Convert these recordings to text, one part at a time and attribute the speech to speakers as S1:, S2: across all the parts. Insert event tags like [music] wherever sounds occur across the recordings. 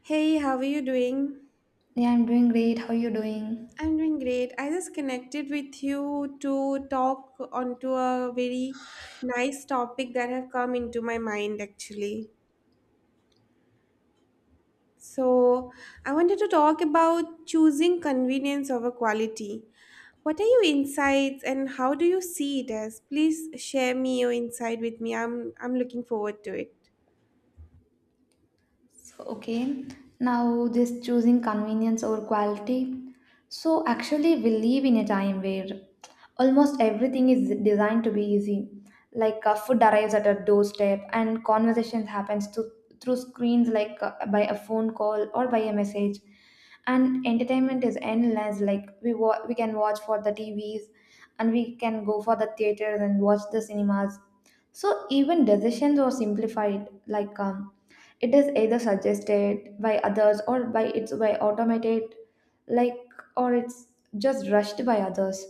S1: Hey, how are you doing?
S2: Yeah, I'm doing great. How you doing?
S1: I'm doing great. I just connected with you to talk onto a very nice topic that have come into my mind actually. So, I wanted to talk about choosing convenience over quality. What are your insights and how do you see it as? Please share me your insight with me. I'm looking forward to it.
S2: So, okay. Now, just choosing convenience over quality. So, actually, we live in a time where almost everything is designed to be easy. Like food arrives at a doorstep, and conversations happens through screens, like by a phone call or by a message. And entertainment is endless. Like we can watch for the TVs, and we can go for the theaters and watch the cinemas. So even decisions are simplified, like it is either suggested by others or by automated, like or it's just rushed by others.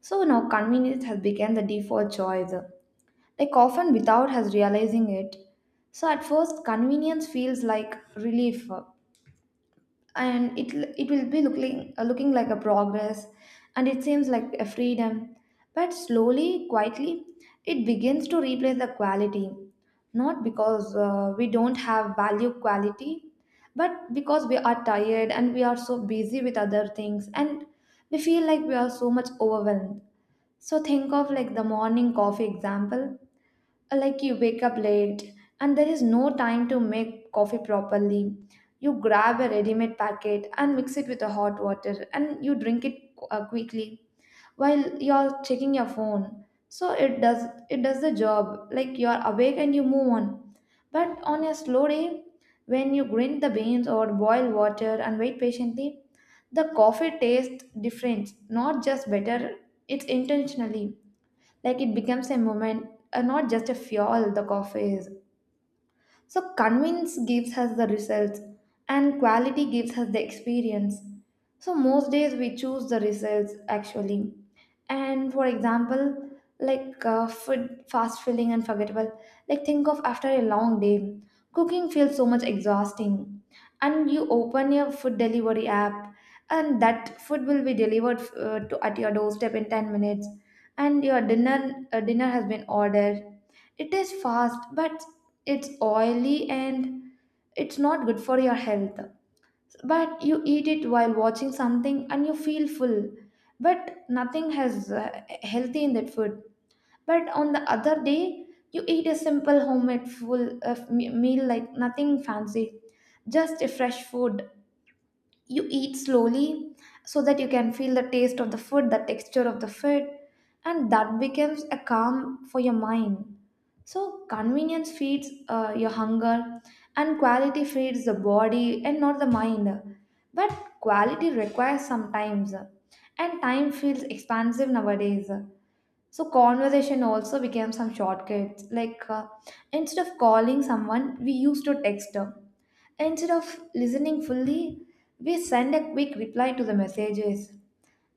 S2: So now convenience has become the default choice, like often without us realizing it. So at first, convenience feels like relief, and it will be looking like a progress, and it seems like a freedom, but slowly, quietly, it begins to replace the quality, not because we don't have value quality, but because we are tired and we are so busy with other things, and we feel like we are so much overwhelmed. So think of like the morning coffee example. Like you wake up late and there is no time to make coffee properly. You grab a ready-made packet and mix it with the hot water and you drink it quickly while you're checking your phone. So it does the job. Like you're awake and you move on. But on a slow day, when you grind the beans or boil water and wait patiently, the coffee tastes different, not just better. It's intentionally, like it becomes a moment, not just a fuel the coffee is. So convince gives us the results, and quality gives us the experience. So most days we choose the results actually. And for example, like food, fast feeling and forgettable. Like think of after a long day, cooking feels so much exhausting. And you open your food delivery app, and that food will be delivered at your doorstep in 10 minutes. And your dinner has been ordered. It is fast, but it's oily and it's not good for your health, but you eat it while watching something and you feel full, but nothing has healthy in that food. But on the other day, you eat a simple homemade meal, like nothing fancy, just a fresh food. You eat slowly so that you can feel the taste of the food, the texture of the food, and that becomes a calm for your mind. So convenience feeds your hunger, and quality feeds the body and not the mind. But quality requires some times, and time feels expansive nowadays. So conversation also became some shortcuts. Like instead of calling someone, we used to text. Instead of listening fully, we send a quick reply to the messages.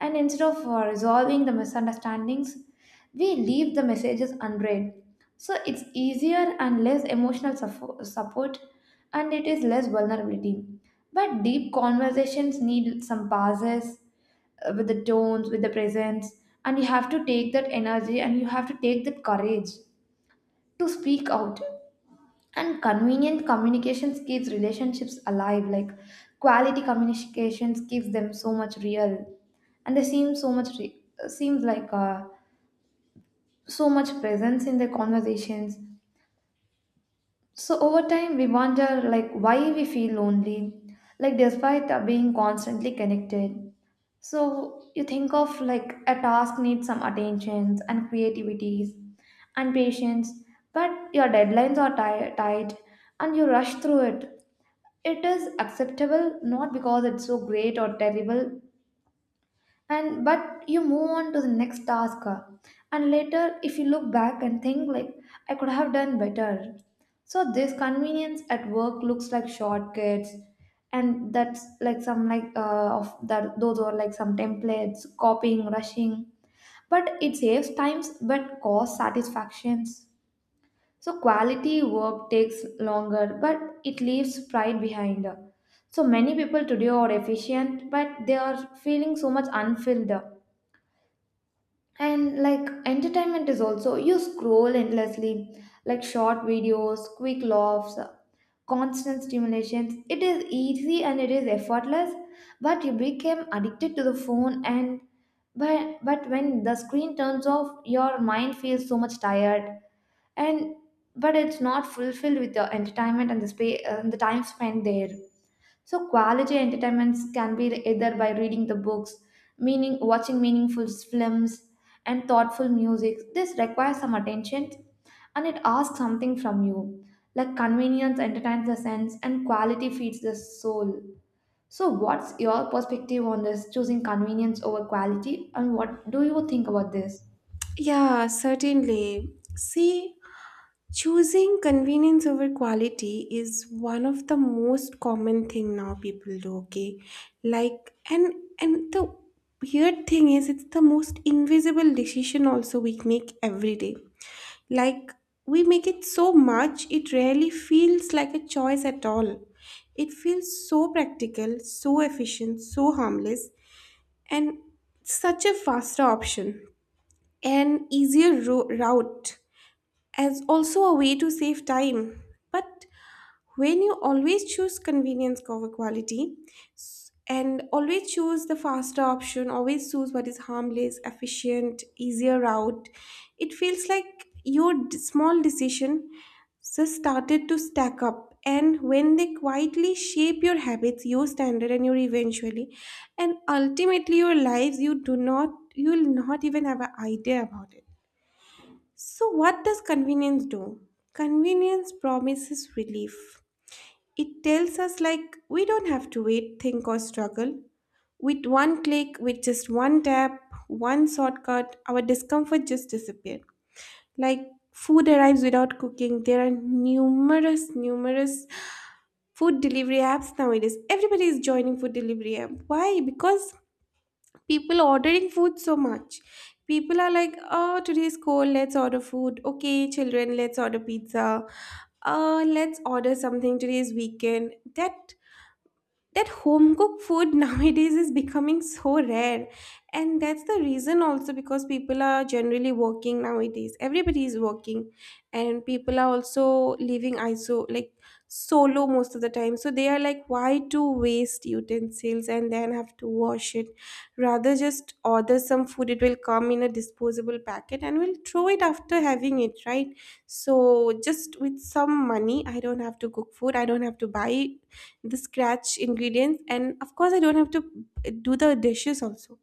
S2: And instead of resolving the misunderstandings, we leave the messages unread. So it's easier and less support, and it is less vulnerability. But deep conversations need some pauses with the tones, with the presence, and you have to take that energy and you have to take that courage to speak out. And convenient communications keeps relationships alive, like quality communications keeps them so much real, and they seem so much seems like so much presence in their conversations. So over time we wonder like why we feel lonely, like despite being constantly connected. So you think of like a task needs some attentions and creativities and patience, but your deadlines are tight and you rush through it. It is acceptable, not because it's so great or terrible, and but you move on to the next task and later if you look back and think like I could have done better. So this convenience at work looks like shortcuts, and that's like some like of that those are like some templates, copying, rushing. But it saves times but costs satisfactions. So quality work takes longer, but it leaves pride behind. So many people today are efficient, but they are feeling so much unfilled. And like entertainment is also you scroll endlessly, like short videos, quick laughs, constant stimulations. It is easy and it is effortless, but you become addicted to the phone, and but when the screen turns off, your mind feels so much tired, and but it's not fulfilled with the entertainment and the space and the time spent there. So quality entertainments can be either by reading the books, meaning watching meaningful films and thoughtful music. This requires some attention and it asks something from you. Like convenience entertains the sense and quality feeds the soul. So what's your perspective on this choosing convenience over quality and what do you think about this?
S1: Yeah, certainly. See, choosing convenience over quality is one of the most common thing now people do, okay? Like and the weird thing is it's the most invisible decision also we make every day. Like we make it so much it rarely feels like a choice at all. It feels so practical, so efficient, so harmless and such a faster option and easier route as also a way to save time. But when you always choose convenience over quality and always choose the faster option, always choose what is harmless, efficient, easier route, it feels like your small decision just started to stack up. And when they quietly shape your habits, your standard, and your eventually, and ultimately your lives, you do not, you will not even have an idea about it. So, what does convenience do? Convenience promises relief. It tells us, like, we don't have to wait, think, or struggle. With one click, with just one tap, one shortcut, our discomfort just disappears. Like, food arrives without cooking. There are numerous, numerous food delivery apps nowadays. Everybody is joining food delivery app. Why? Because people ordering food so much. People are like, oh, today's cold, let's order food. Okay, children, let's order pizza. Let's order something, today's weekend. That home cooked food [laughs] nowadays is becoming so rare, and that's the reason also, because people are generally working nowadays, everybody is working, and people are also living iso like solo most of the time. So they are like, why to waste utensils and then have to wash it? Rather just order some food, it will come in a disposable packet and we'll throw it after having it, right? So just with some money, I don't have to cook food, I don't have to buy the scratch ingredients, and of course I don't have to do the dishes also.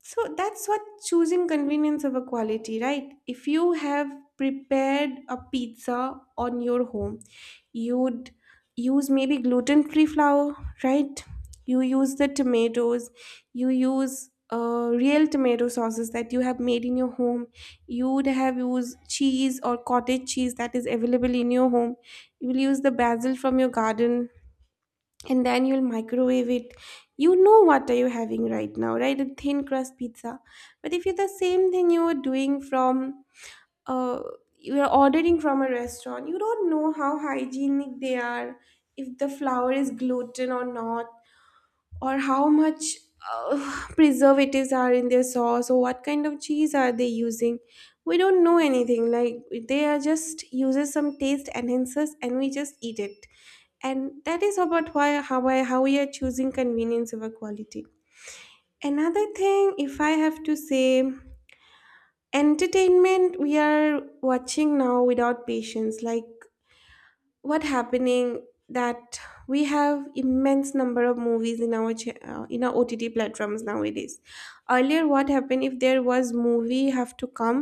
S1: So that's what choosing convenience over quality, right? If you have prepared a pizza on your home, you'd use maybe gluten free flour, right? You use the tomatoes, you use real tomato sauces that you have made in your home, you would have used cheese or cottage cheese that is available in your home, you will use the basil from your garden, and then you'll microwave it. You know what are you having right now, right? A thin crust pizza. But if you the same thing you were doing from uh you are ordering from a restaurant, you don't know how hygienic they are, if the flour is gluten or not, or how much [sighs] preservatives are in their sauce, or what kind of cheese are they using. We don't know anything. Like they are just uses some taste enhancers, and we just eat it, and that is about why how we are choosing convenience over quality. Another thing, if I have to say, entertainment we are watching now without patience, like what happening that we have immense number of movies in our in our OTT platforms nowadays. Earlier what happened, if there was movie have to come,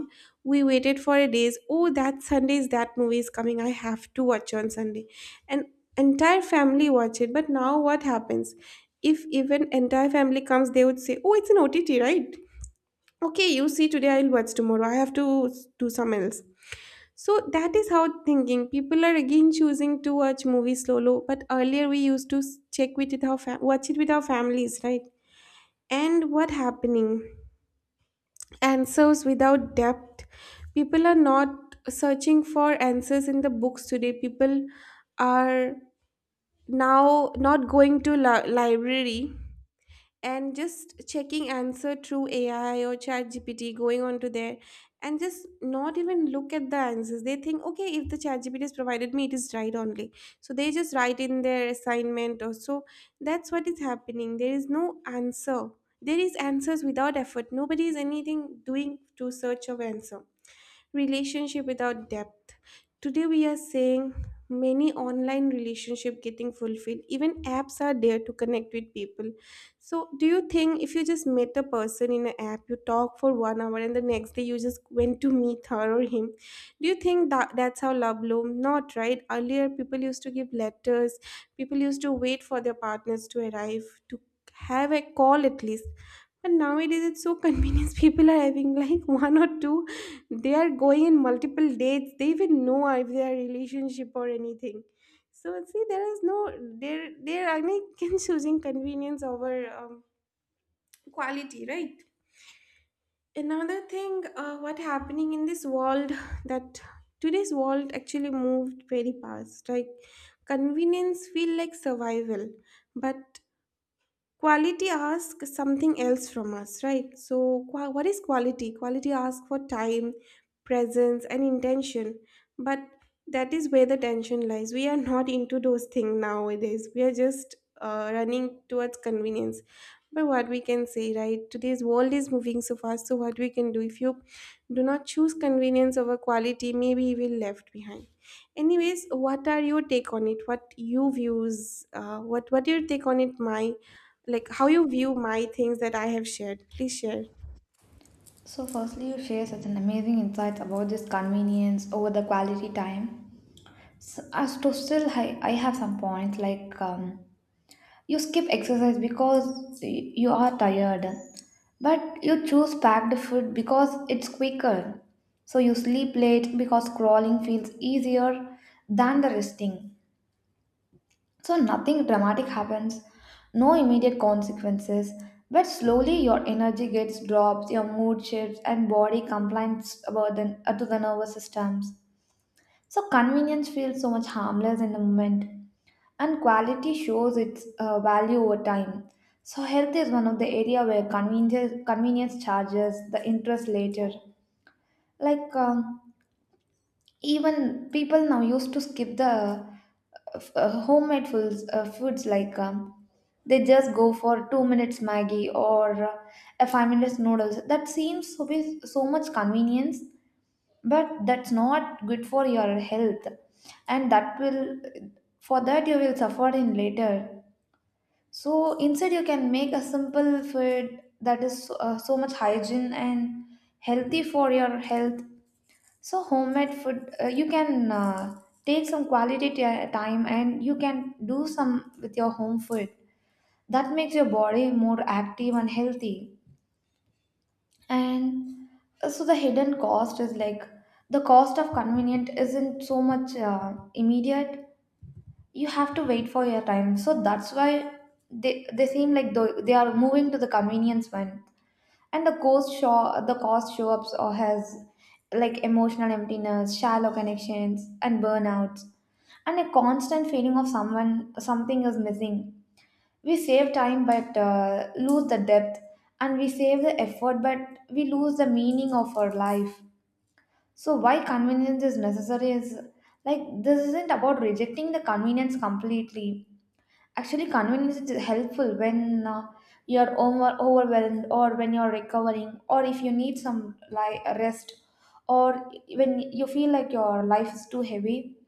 S1: we waited for a days. Oh, that Sunday is that movie is coming, I have to watch on Sunday, and entire family watch it. But now what happens, if even entire family comes, they would say, oh, it's an OTT, right? Okay, you see, today I'll watch tomorrow, I have to do some else. So that is how thinking. People are again choosing to watch movies solo, but earlier we used to s- check with it our fam- watch it with our families, right? And what happening? Answers without depth. People are not searching for answers in the books today. People are now not going to library, and just checking answer through AI or chat GPT, going on to there, and just not even look at the answers. They think, okay, if the chat GPT has provided me, it is right only. So they just write in their assignment or so. That's what is happening. There is no answer. There is answers without effort. Nobody is anything doing to search of answer. Relationship without depth, today we are seeing many online relationship getting fulfilled, even apps are there to connect with people. So do you think if you just met a person in an app, you talk for 1 hour, and the next day you just went to meet her or him, do you think that that's how love bloomed? Not right. Earlier people used to give letters, people used to wait for their partners to arrive, to have a call at least. But nowadays it's so convenient, [laughs] people are having like one or two, they are going in multiple dates, they even know if they are relationship or anything. So see, there is no there there. I mean, [laughs] choosing convenience over quality, right? Another thing, what happening in this world, [laughs] [sighs] that today's world actually moved very fast, like convenience feel like survival, but quality asks something else from us, right? So what is quality? Quality asks for time, presence and intention. But that is where the tension lies. We are not into those things nowadays, we are just running towards convenience. But what we can say, right, today's world is moving so fast, so what we can do if you do not choose convenience over quality, maybe you will left behind. Anyways, what are your take on it, what you views, what your take on it, my, like, how you view my things that I have shared. Please share.
S2: So firstly, you share such an amazing insights about this convenience over the quality time. So as to still, I have some points like you skip exercise because you are tired, but you choose packed food because it's quicker. So you sleep late because crawling feels easier than the resting. So nothing dramatic happens, no immediate consequences, but slowly your energy gets drops, your mood shifts, and body complains about to the nervous systems. So convenience feels so much harmless in the moment, and quality shows its value over time. So health is one of the area where convenience charges the interest later. Like even people now used to skip the homemade foods like they just go for 2 minutes Maggie or a 5 minutes noodles. That seems to be so much convenience, but that's not good for your health, and that will for that you will suffer in later. So instead, you can make a simple food that is so much hygiene and healthy for your health. So homemade food, you can take some quality ti time, and you can do some with your home food. That makes your body more active and healthy. And so the hidden cost is like the cost of convenient isn't so much immediate. You have to wait for your time. So that's why they seem like tho- they are moving to the convenience one, and the cost show ups or has like emotional emptiness, shallow connections and burnouts, and a constant feeling of someone, something is missing. We save time but lose the depth, and we save the effort but we lose the meaning of our life. So why convenience is necessary is like this isn't about rejecting the convenience completely. Actually, convenience is helpful when you're overwhelmed, or when you're recovering, or if you need some rest, or when you feel like your life is too heavy.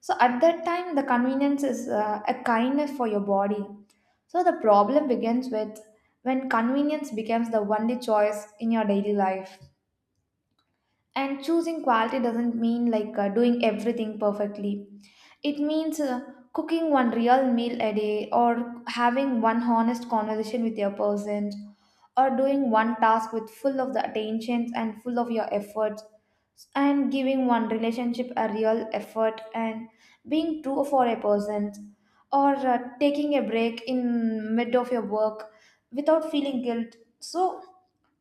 S2: So at that time, the convenience is a kindness for your body. So the problem begins with when convenience becomes the only choice in your daily life. And choosing quality doesn't mean like doing everything perfectly. It means cooking one real meal a day, or having one honest conversation with your person, or doing one task with full of the attentions and full of your efforts, and giving one relationship a real effort, and being true for a person, or taking a break in mid of your work without feeling guilt. So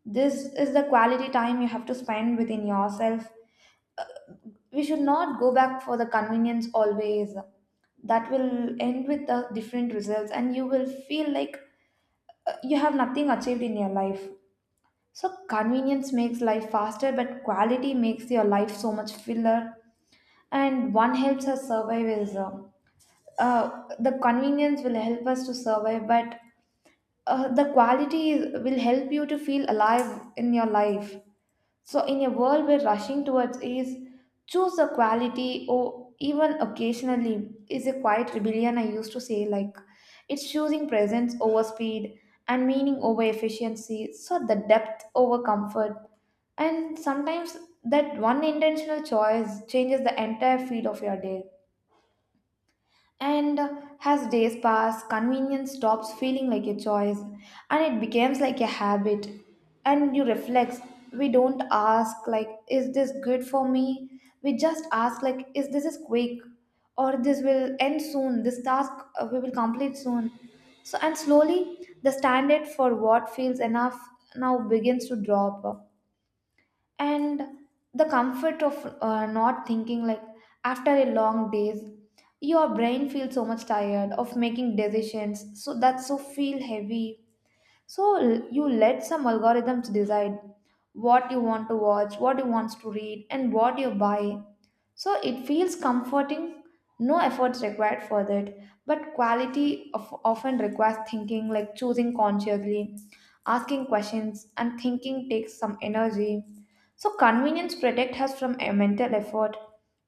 S2: this is the quality time you have to spend within yourself. We should not go back for the convenience always. That will end with the different results and you will feel like you have nothing achieved in your life. So convenience makes life faster but quality makes your life so much fuller. And one helps us survive is the convenience will help us to survive, but the quality will help you to feel alive in your life. So in a world where rushing towards ease, choose a quality or even occasionally is a quiet rebellion. I used to say, like, it's choosing presence over speed and meaning over efficiency, so the depth over comfort. And sometimes that one intentional choice changes the entire feel of your day. And as days pass, convenience stops feeling like a choice and it becomes like a habit. And you reflect, we don't ask, like, is this good for me? We just ask, like, is this is quick or this will end soon? This task we will complete soon. So, and slowly the standard for what feels enough now begins to drop, and the comfort of not thinking, like after a long days your brain feels so much tired of making decisions, so that's so feel heavy. So you let some algorithms decide what you want to watch, what you want to read, and what you buy. So it feels comforting, no efforts required for that. But quality of, often requires thinking, like choosing consciously, asking questions, and thinking takes some energy. So convenience protects us from a mental effort,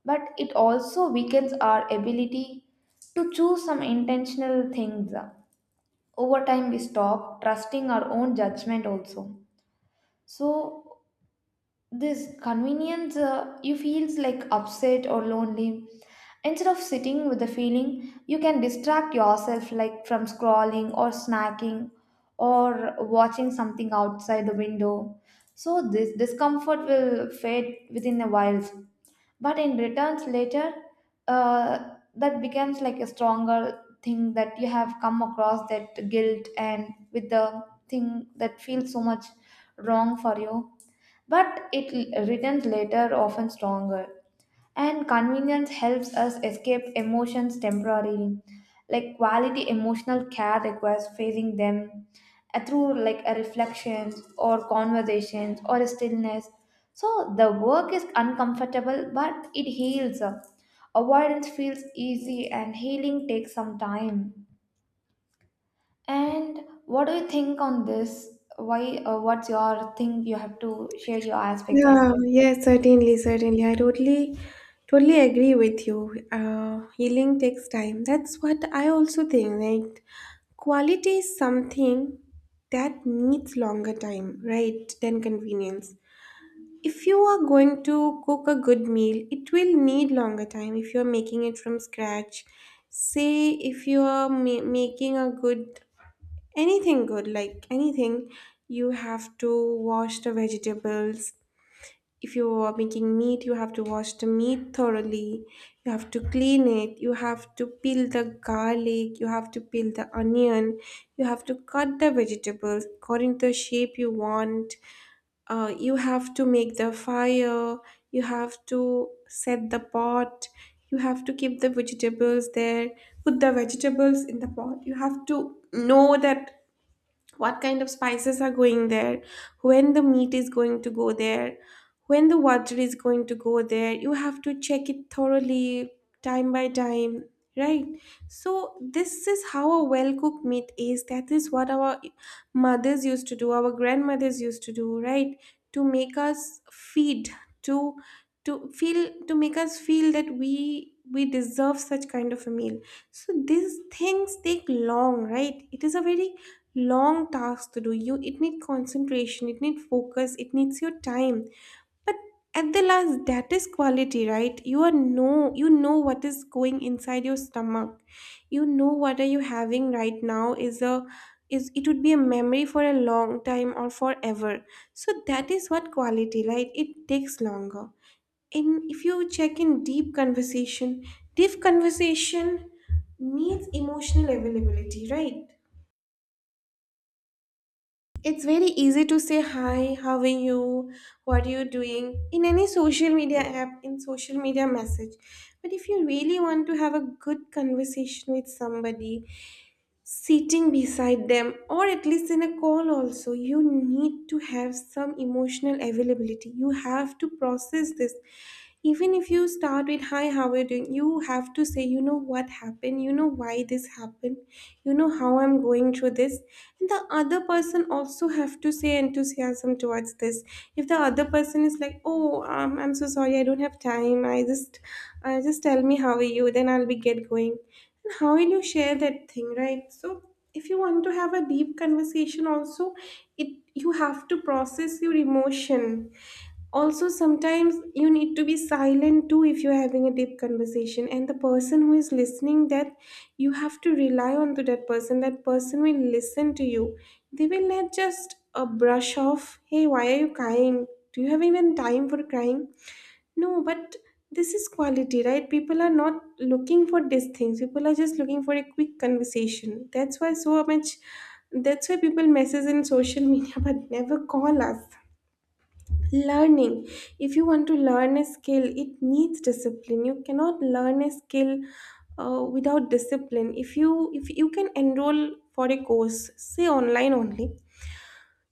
S2: but it also weakens our ability to choose some intentional things. Over time we stop trusting our own judgment also. So this convenience, you feels like upset or lonely. Instead of sitting with the feeling you can distract yourself, like from scrolling or snacking or watching something outside the window, so this discomfort will fade within a while, but in returns later. That becomes like a stronger thing that you have come across, that guilt, and with the thing that feels so much wrong for you, but it returns later often stronger. And convenience helps us escape emotions temporarily, like quality emotional care requires facing them, through like a reflections or conversations or a stillness. So the work is uncomfortable but it heals. Avoidance feels easy and healing takes some time. And what do you think on this? Why What's your thing? You have to share your aspects as
S1: Yeah,
S2: well.
S1: yes, certainly, certainly. I totally, totally agree with you. Healing takes time. That's what I also think, right? Quality is something that needs longer time, right, than convenience. If you are going to cook a good meal, it will need longer time if you're making it from scratch. Say if you are making a good anything, good like anything, you have to wash the vegetables. If you are making meat, you have to wash the meat thoroughly, you have to clean it, you have to peel the garlic, you have to peel the onion, you have to cut the vegetables according to the shape you want. You have to make the fire, you have to set the pot, you have to keep the vegetables there, put the vegetables in the pot. You have to know that what kind of spices are going there, when the meat is going to go there, when the water is going to go there. You have to check it thoroughly, time by time, right? So, this is how a well cooked meat is. That is what our mothers used to do, our grandmothers used to do, right? To make us feed, to to feel to make us feel that we deserve such kind of a meal. So these things take long, right? It is a very long tasks to do. You it need concentration, it need focus, it needs your time. But at the last, that is quality, right? You are know, you know what is going inside your stomach, you know what are you having right now, is a, is it would be a memory for a long time or forever. So that is what quality, right? It takes longer. And if you check in deep conversation, deep conversation needs emotional availability, right? It's very easy to say hi, how are you, what are you doing in any social media app, in social media message. But if you really want to have a good conversation with somebody, sitting beside them, or at least in a call, also, you need to have some emotional availability. You have to process this. Even if you start with hi, how are you doing, you have to say, you know what happened, you know why this happened, you know how I'm going through this. And the other person also have to say enthusiasm towards this. If the other person is like, oh, I'm so sorry, I don't have time, I just tell me how are you, then I'll be get going. And how will you share that thing, right? So if you want to have a deep conversation also, it you have to process your emotion. Also sometimes you need to be silent too. If you're having a deep conversation and the person who is listening that, you have to rely on to that person, that person will listen to you. They will not just brush off, hey, why are you crying, do you have even time for crying? No, but this is quality, right? People are not looking for these things. People are just looking for a quick conversation. That's why so much, that's why people message in social media [laughs] but never call us. Learning. If you want to learn a skill, it needs discipline. You cannot learn a skill without discipline. If you can enroll for a course, say online only,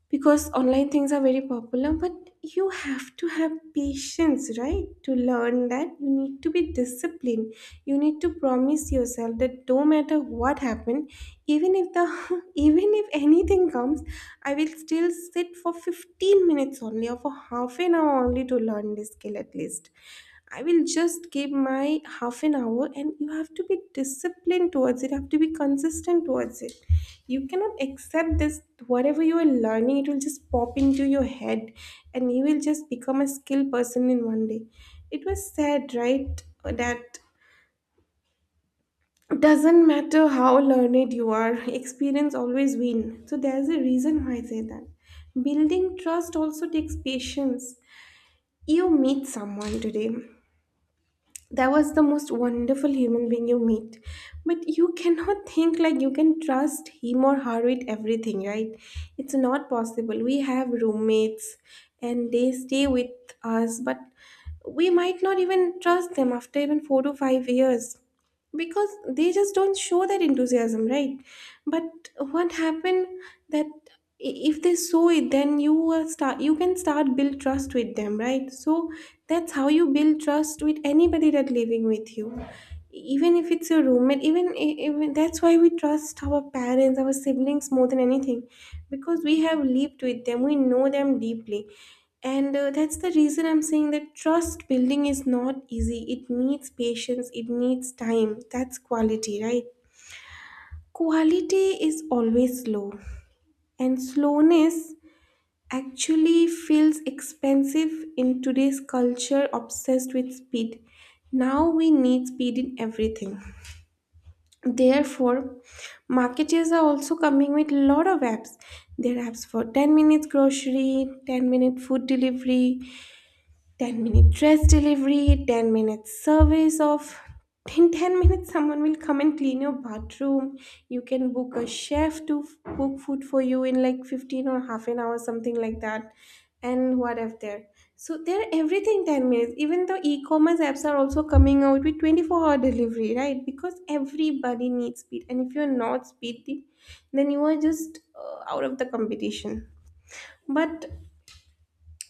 S1: because online things are very popular. But you have to have patience, right? To learn that, you need to be disciplined. You need to promise yourself that no matter what happened, even if the [laughs] even if anything comes, I will still sit for 15 minutes only or for half an hour only to learn this skill at least. I will just give my half an hour, and you have to be disciplined towards it. You have to be consistent towards it. You cannot accept this, whatever you are learning, it will just pop into your head, and you will just become a skilled person in one day. It was said, right, that doesn't matter how learned you are, [laughs] experience always win. So there's a reason why I say that. Building trust also takes patience. You meet someone today that was the most wonderful human being you meet, but you cannot [laughs] think like you can trust him or her with everything, right? It's not possible. We have roommates and they stay with us, but we might not even trust them after even 4 to 5 years, because they just don't show that enthusiasm, right? But what happened, that if they show it, then you will start, you can start build trust with them, right? So that's how you build trust with anybody that living with you, even if it's your roommate, even even that's why we trust our parents, our siblings more than anything, because we have lived with them, we know them deeply. And that's the reason I'm saying that trust building is not easy. It needs patience, it needs time. That's quality, right? Quality is always slow. And slowness actually feels expensive in today's culture obsessed with speed. Now we need speed in everything. Therefore, marketers are also coming with lot of apps. There are apps for 10 minutes grocery, 10-minute food delivery, 10-minute dress delivery, 10 minutes service of, in 10 minutes someone will come and clean your bathroom. You can book a chef to cook food for you in like 15 or half an hour something like that. And what if there? So they're everything 10 minutes. Even the e-commerce apps are also coming out with 24-hour delivery, right? Because everybody needs speed, and if you're not speedy, then you are just out of the competition. But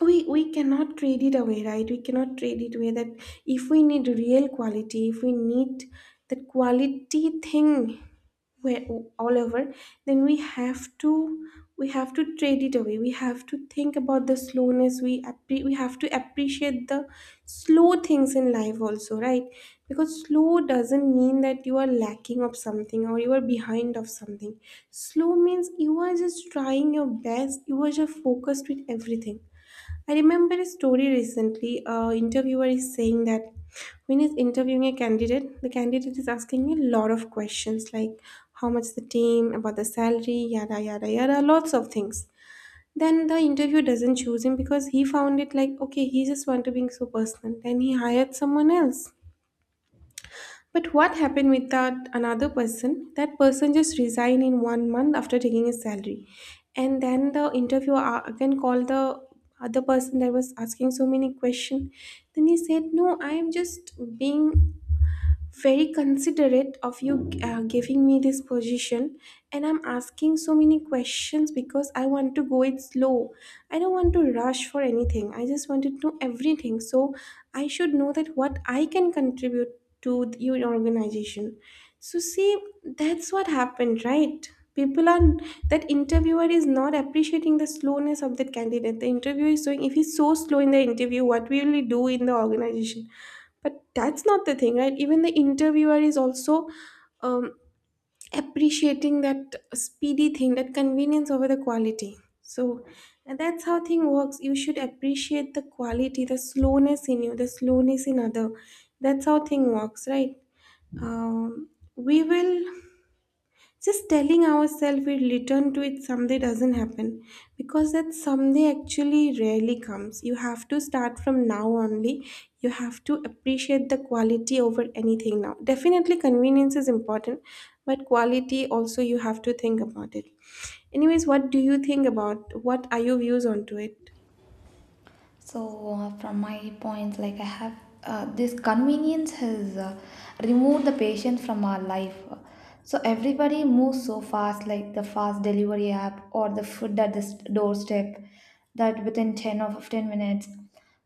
S1: we cannot trade it away, right? We cannot trade it away that, if we need real quality, if we need that quality thing, where all over, then we have to, we have to trade it away. We have to think about the slowness. We We have to appreciate the slow things in life also, right? Because slow doesn't mean that you are lacking of something or you are behind of something. Slow means you are just trying your best, you are just focused with everything. I remember a story recently. A interviewer is saying that when he's interviewing a candidate, the candidate is asking a lot of questions like how much the team, about the salary, yada yada yada, lots of things. Then the interviewer doesn't choose him because he found it like okay, he just want to be so personal. Then he hired someone else. But what happened with that another person? That person just resigned in one month after taking his salary. And then the interviewer again called the other person that was asking so many questions. Then he said, no, I am just being very considerate of you giving me this position, and I'm asking so many questions because I want to go it slow. I don't want to rush for anything, I just want to know everything, so I should know that what I can contribute to your organization. So see, that's what happened, right? People are, that interviewer is not appreciating the slowness of that candidate. The interviewer is showing, if he's so slow in the interview, what will he do in the organization? But that's not the thing, right? Even the interviewer is also um, appreciating that speedy thing, that convenience over the quality. So, and that's how thing works. You should appreciate the quality, the slowness in you, the slowness in other. That's how thing works, right? Um, we will just telling ourselves we'll return to it someday doesn't happen, because that someday actually rarely comes. You have to start from now only. You have to appreciate the quality over anything now. Definitely, convenience is important, but quality also you have to think about it. Anyways, what do you think about? What are your views onto it?
S2: So, from my point, like I have, this convenience has, removed the patient from our life. So, everybody moves so fast, like the fast delivery app or the food at the doorstep, that within 10 or 15 minutes.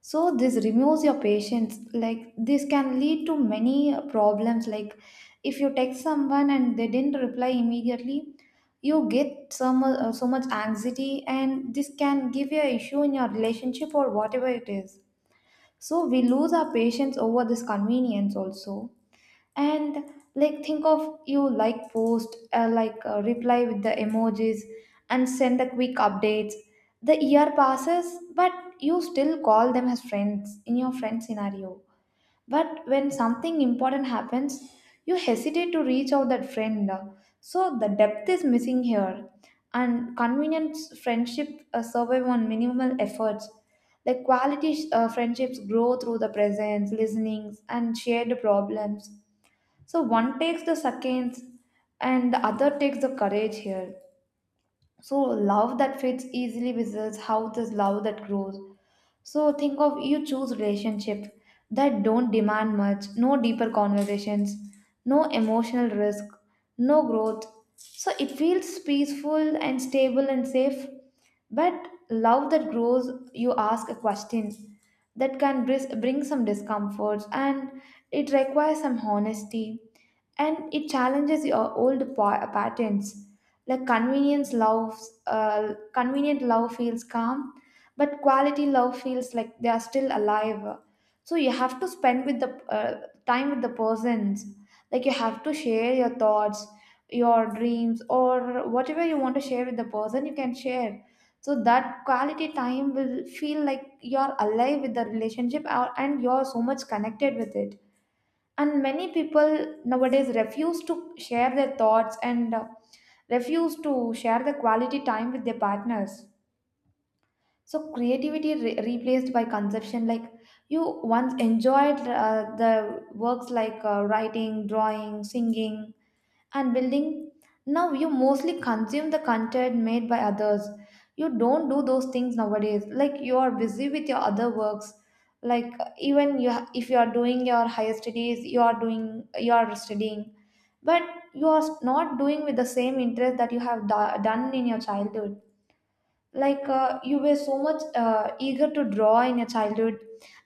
S2: So, this removes your patience. Like, this can lead to many problems. Like, if you text someone and they didn't reply immediately, you get so much, so much anxiety, and this can give you an issue in your relationship or whatever it is. So we lose our patience over this convenience also. And like think of you, like post, like reply with the emojis and send the quick updates, the year passes, but you still call them as friends in your friend scenario. But when something important happens, you hesitate to reach out that friend. So the depth is missing here. And convenient friendship, survive on minimal efforts. Like quality friendships grow through the presence, listenings, and shared problems. So one takes the seconds, and the other takes the courage here. So love that fits easily with us, how this love that grows. So think of you choose relationship that don't demand much, no deeper conversations, no emotional risk, no growth. So it feels peaceful and stable and safe. But love that grows, you ask a question that can bring some discomforts, and it requires some honesty, and it challenges your old patterns. Like convenience loves convenient love feels calm, but quality love feels like they are still alive. So you have to spend with the, uh, time with the persons. Like you have to share your thoughts, your dreams, or whatever you want to share with the person you can share. So that quality time will feel like you're alive with the relationship, and you're so much connected with it. And many people nowadays refuse to share their thoughts, and refuse to share the quality time with their partners. So creativity replaced by conception. Like you once enjoyed the works, like writing, drawing, singing, and building. Now you mostly consume the content made by others. You don't do those things nowadays. Like you are busy with your other works. Like even you, if you are doing your higher studies, you are doing, you are studying, but you are not doing with the same interest that you have done in your childhood. Like you were so much eager to draw in your childhood,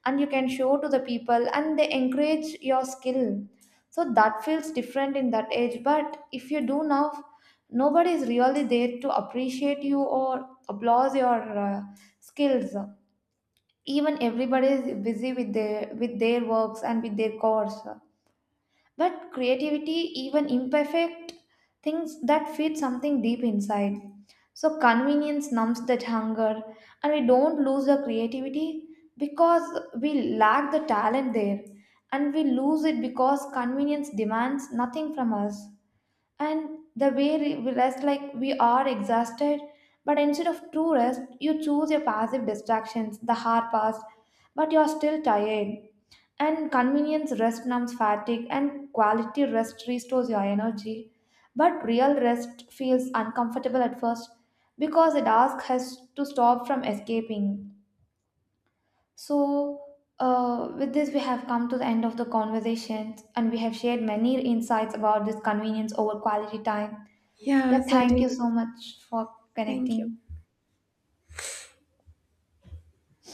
S2: and you can show to the people and they encourage your skill. So that feels different in that age, but if you do now, nobody is really there to appreciate you or applause your skills. Even everybody is busy with their works and with their course. But creativity, even imperfect things that feed something deep inside. So convenience numbs that hunger, and we don't lose the creativity because we lack the talent there, and we lose it because convenience demands nothing from us. And the way we rest, like we are exhausted, but instead of true rest you choose your passive distractions, the hard past, but you're still tired. And convenience rest numbs fatigue, and quality rest restores your energy. But real rest feels uncomfortable at first because it asks us to stop from escaping. So, with this, we have come to the end of the conversation, and we have shared many insights about this convenience over quality time. Yeah,
S1: Yeah,
S2: thank
S1: certainly.
S2: you so much for
S1: Thank you.
S2: connecting.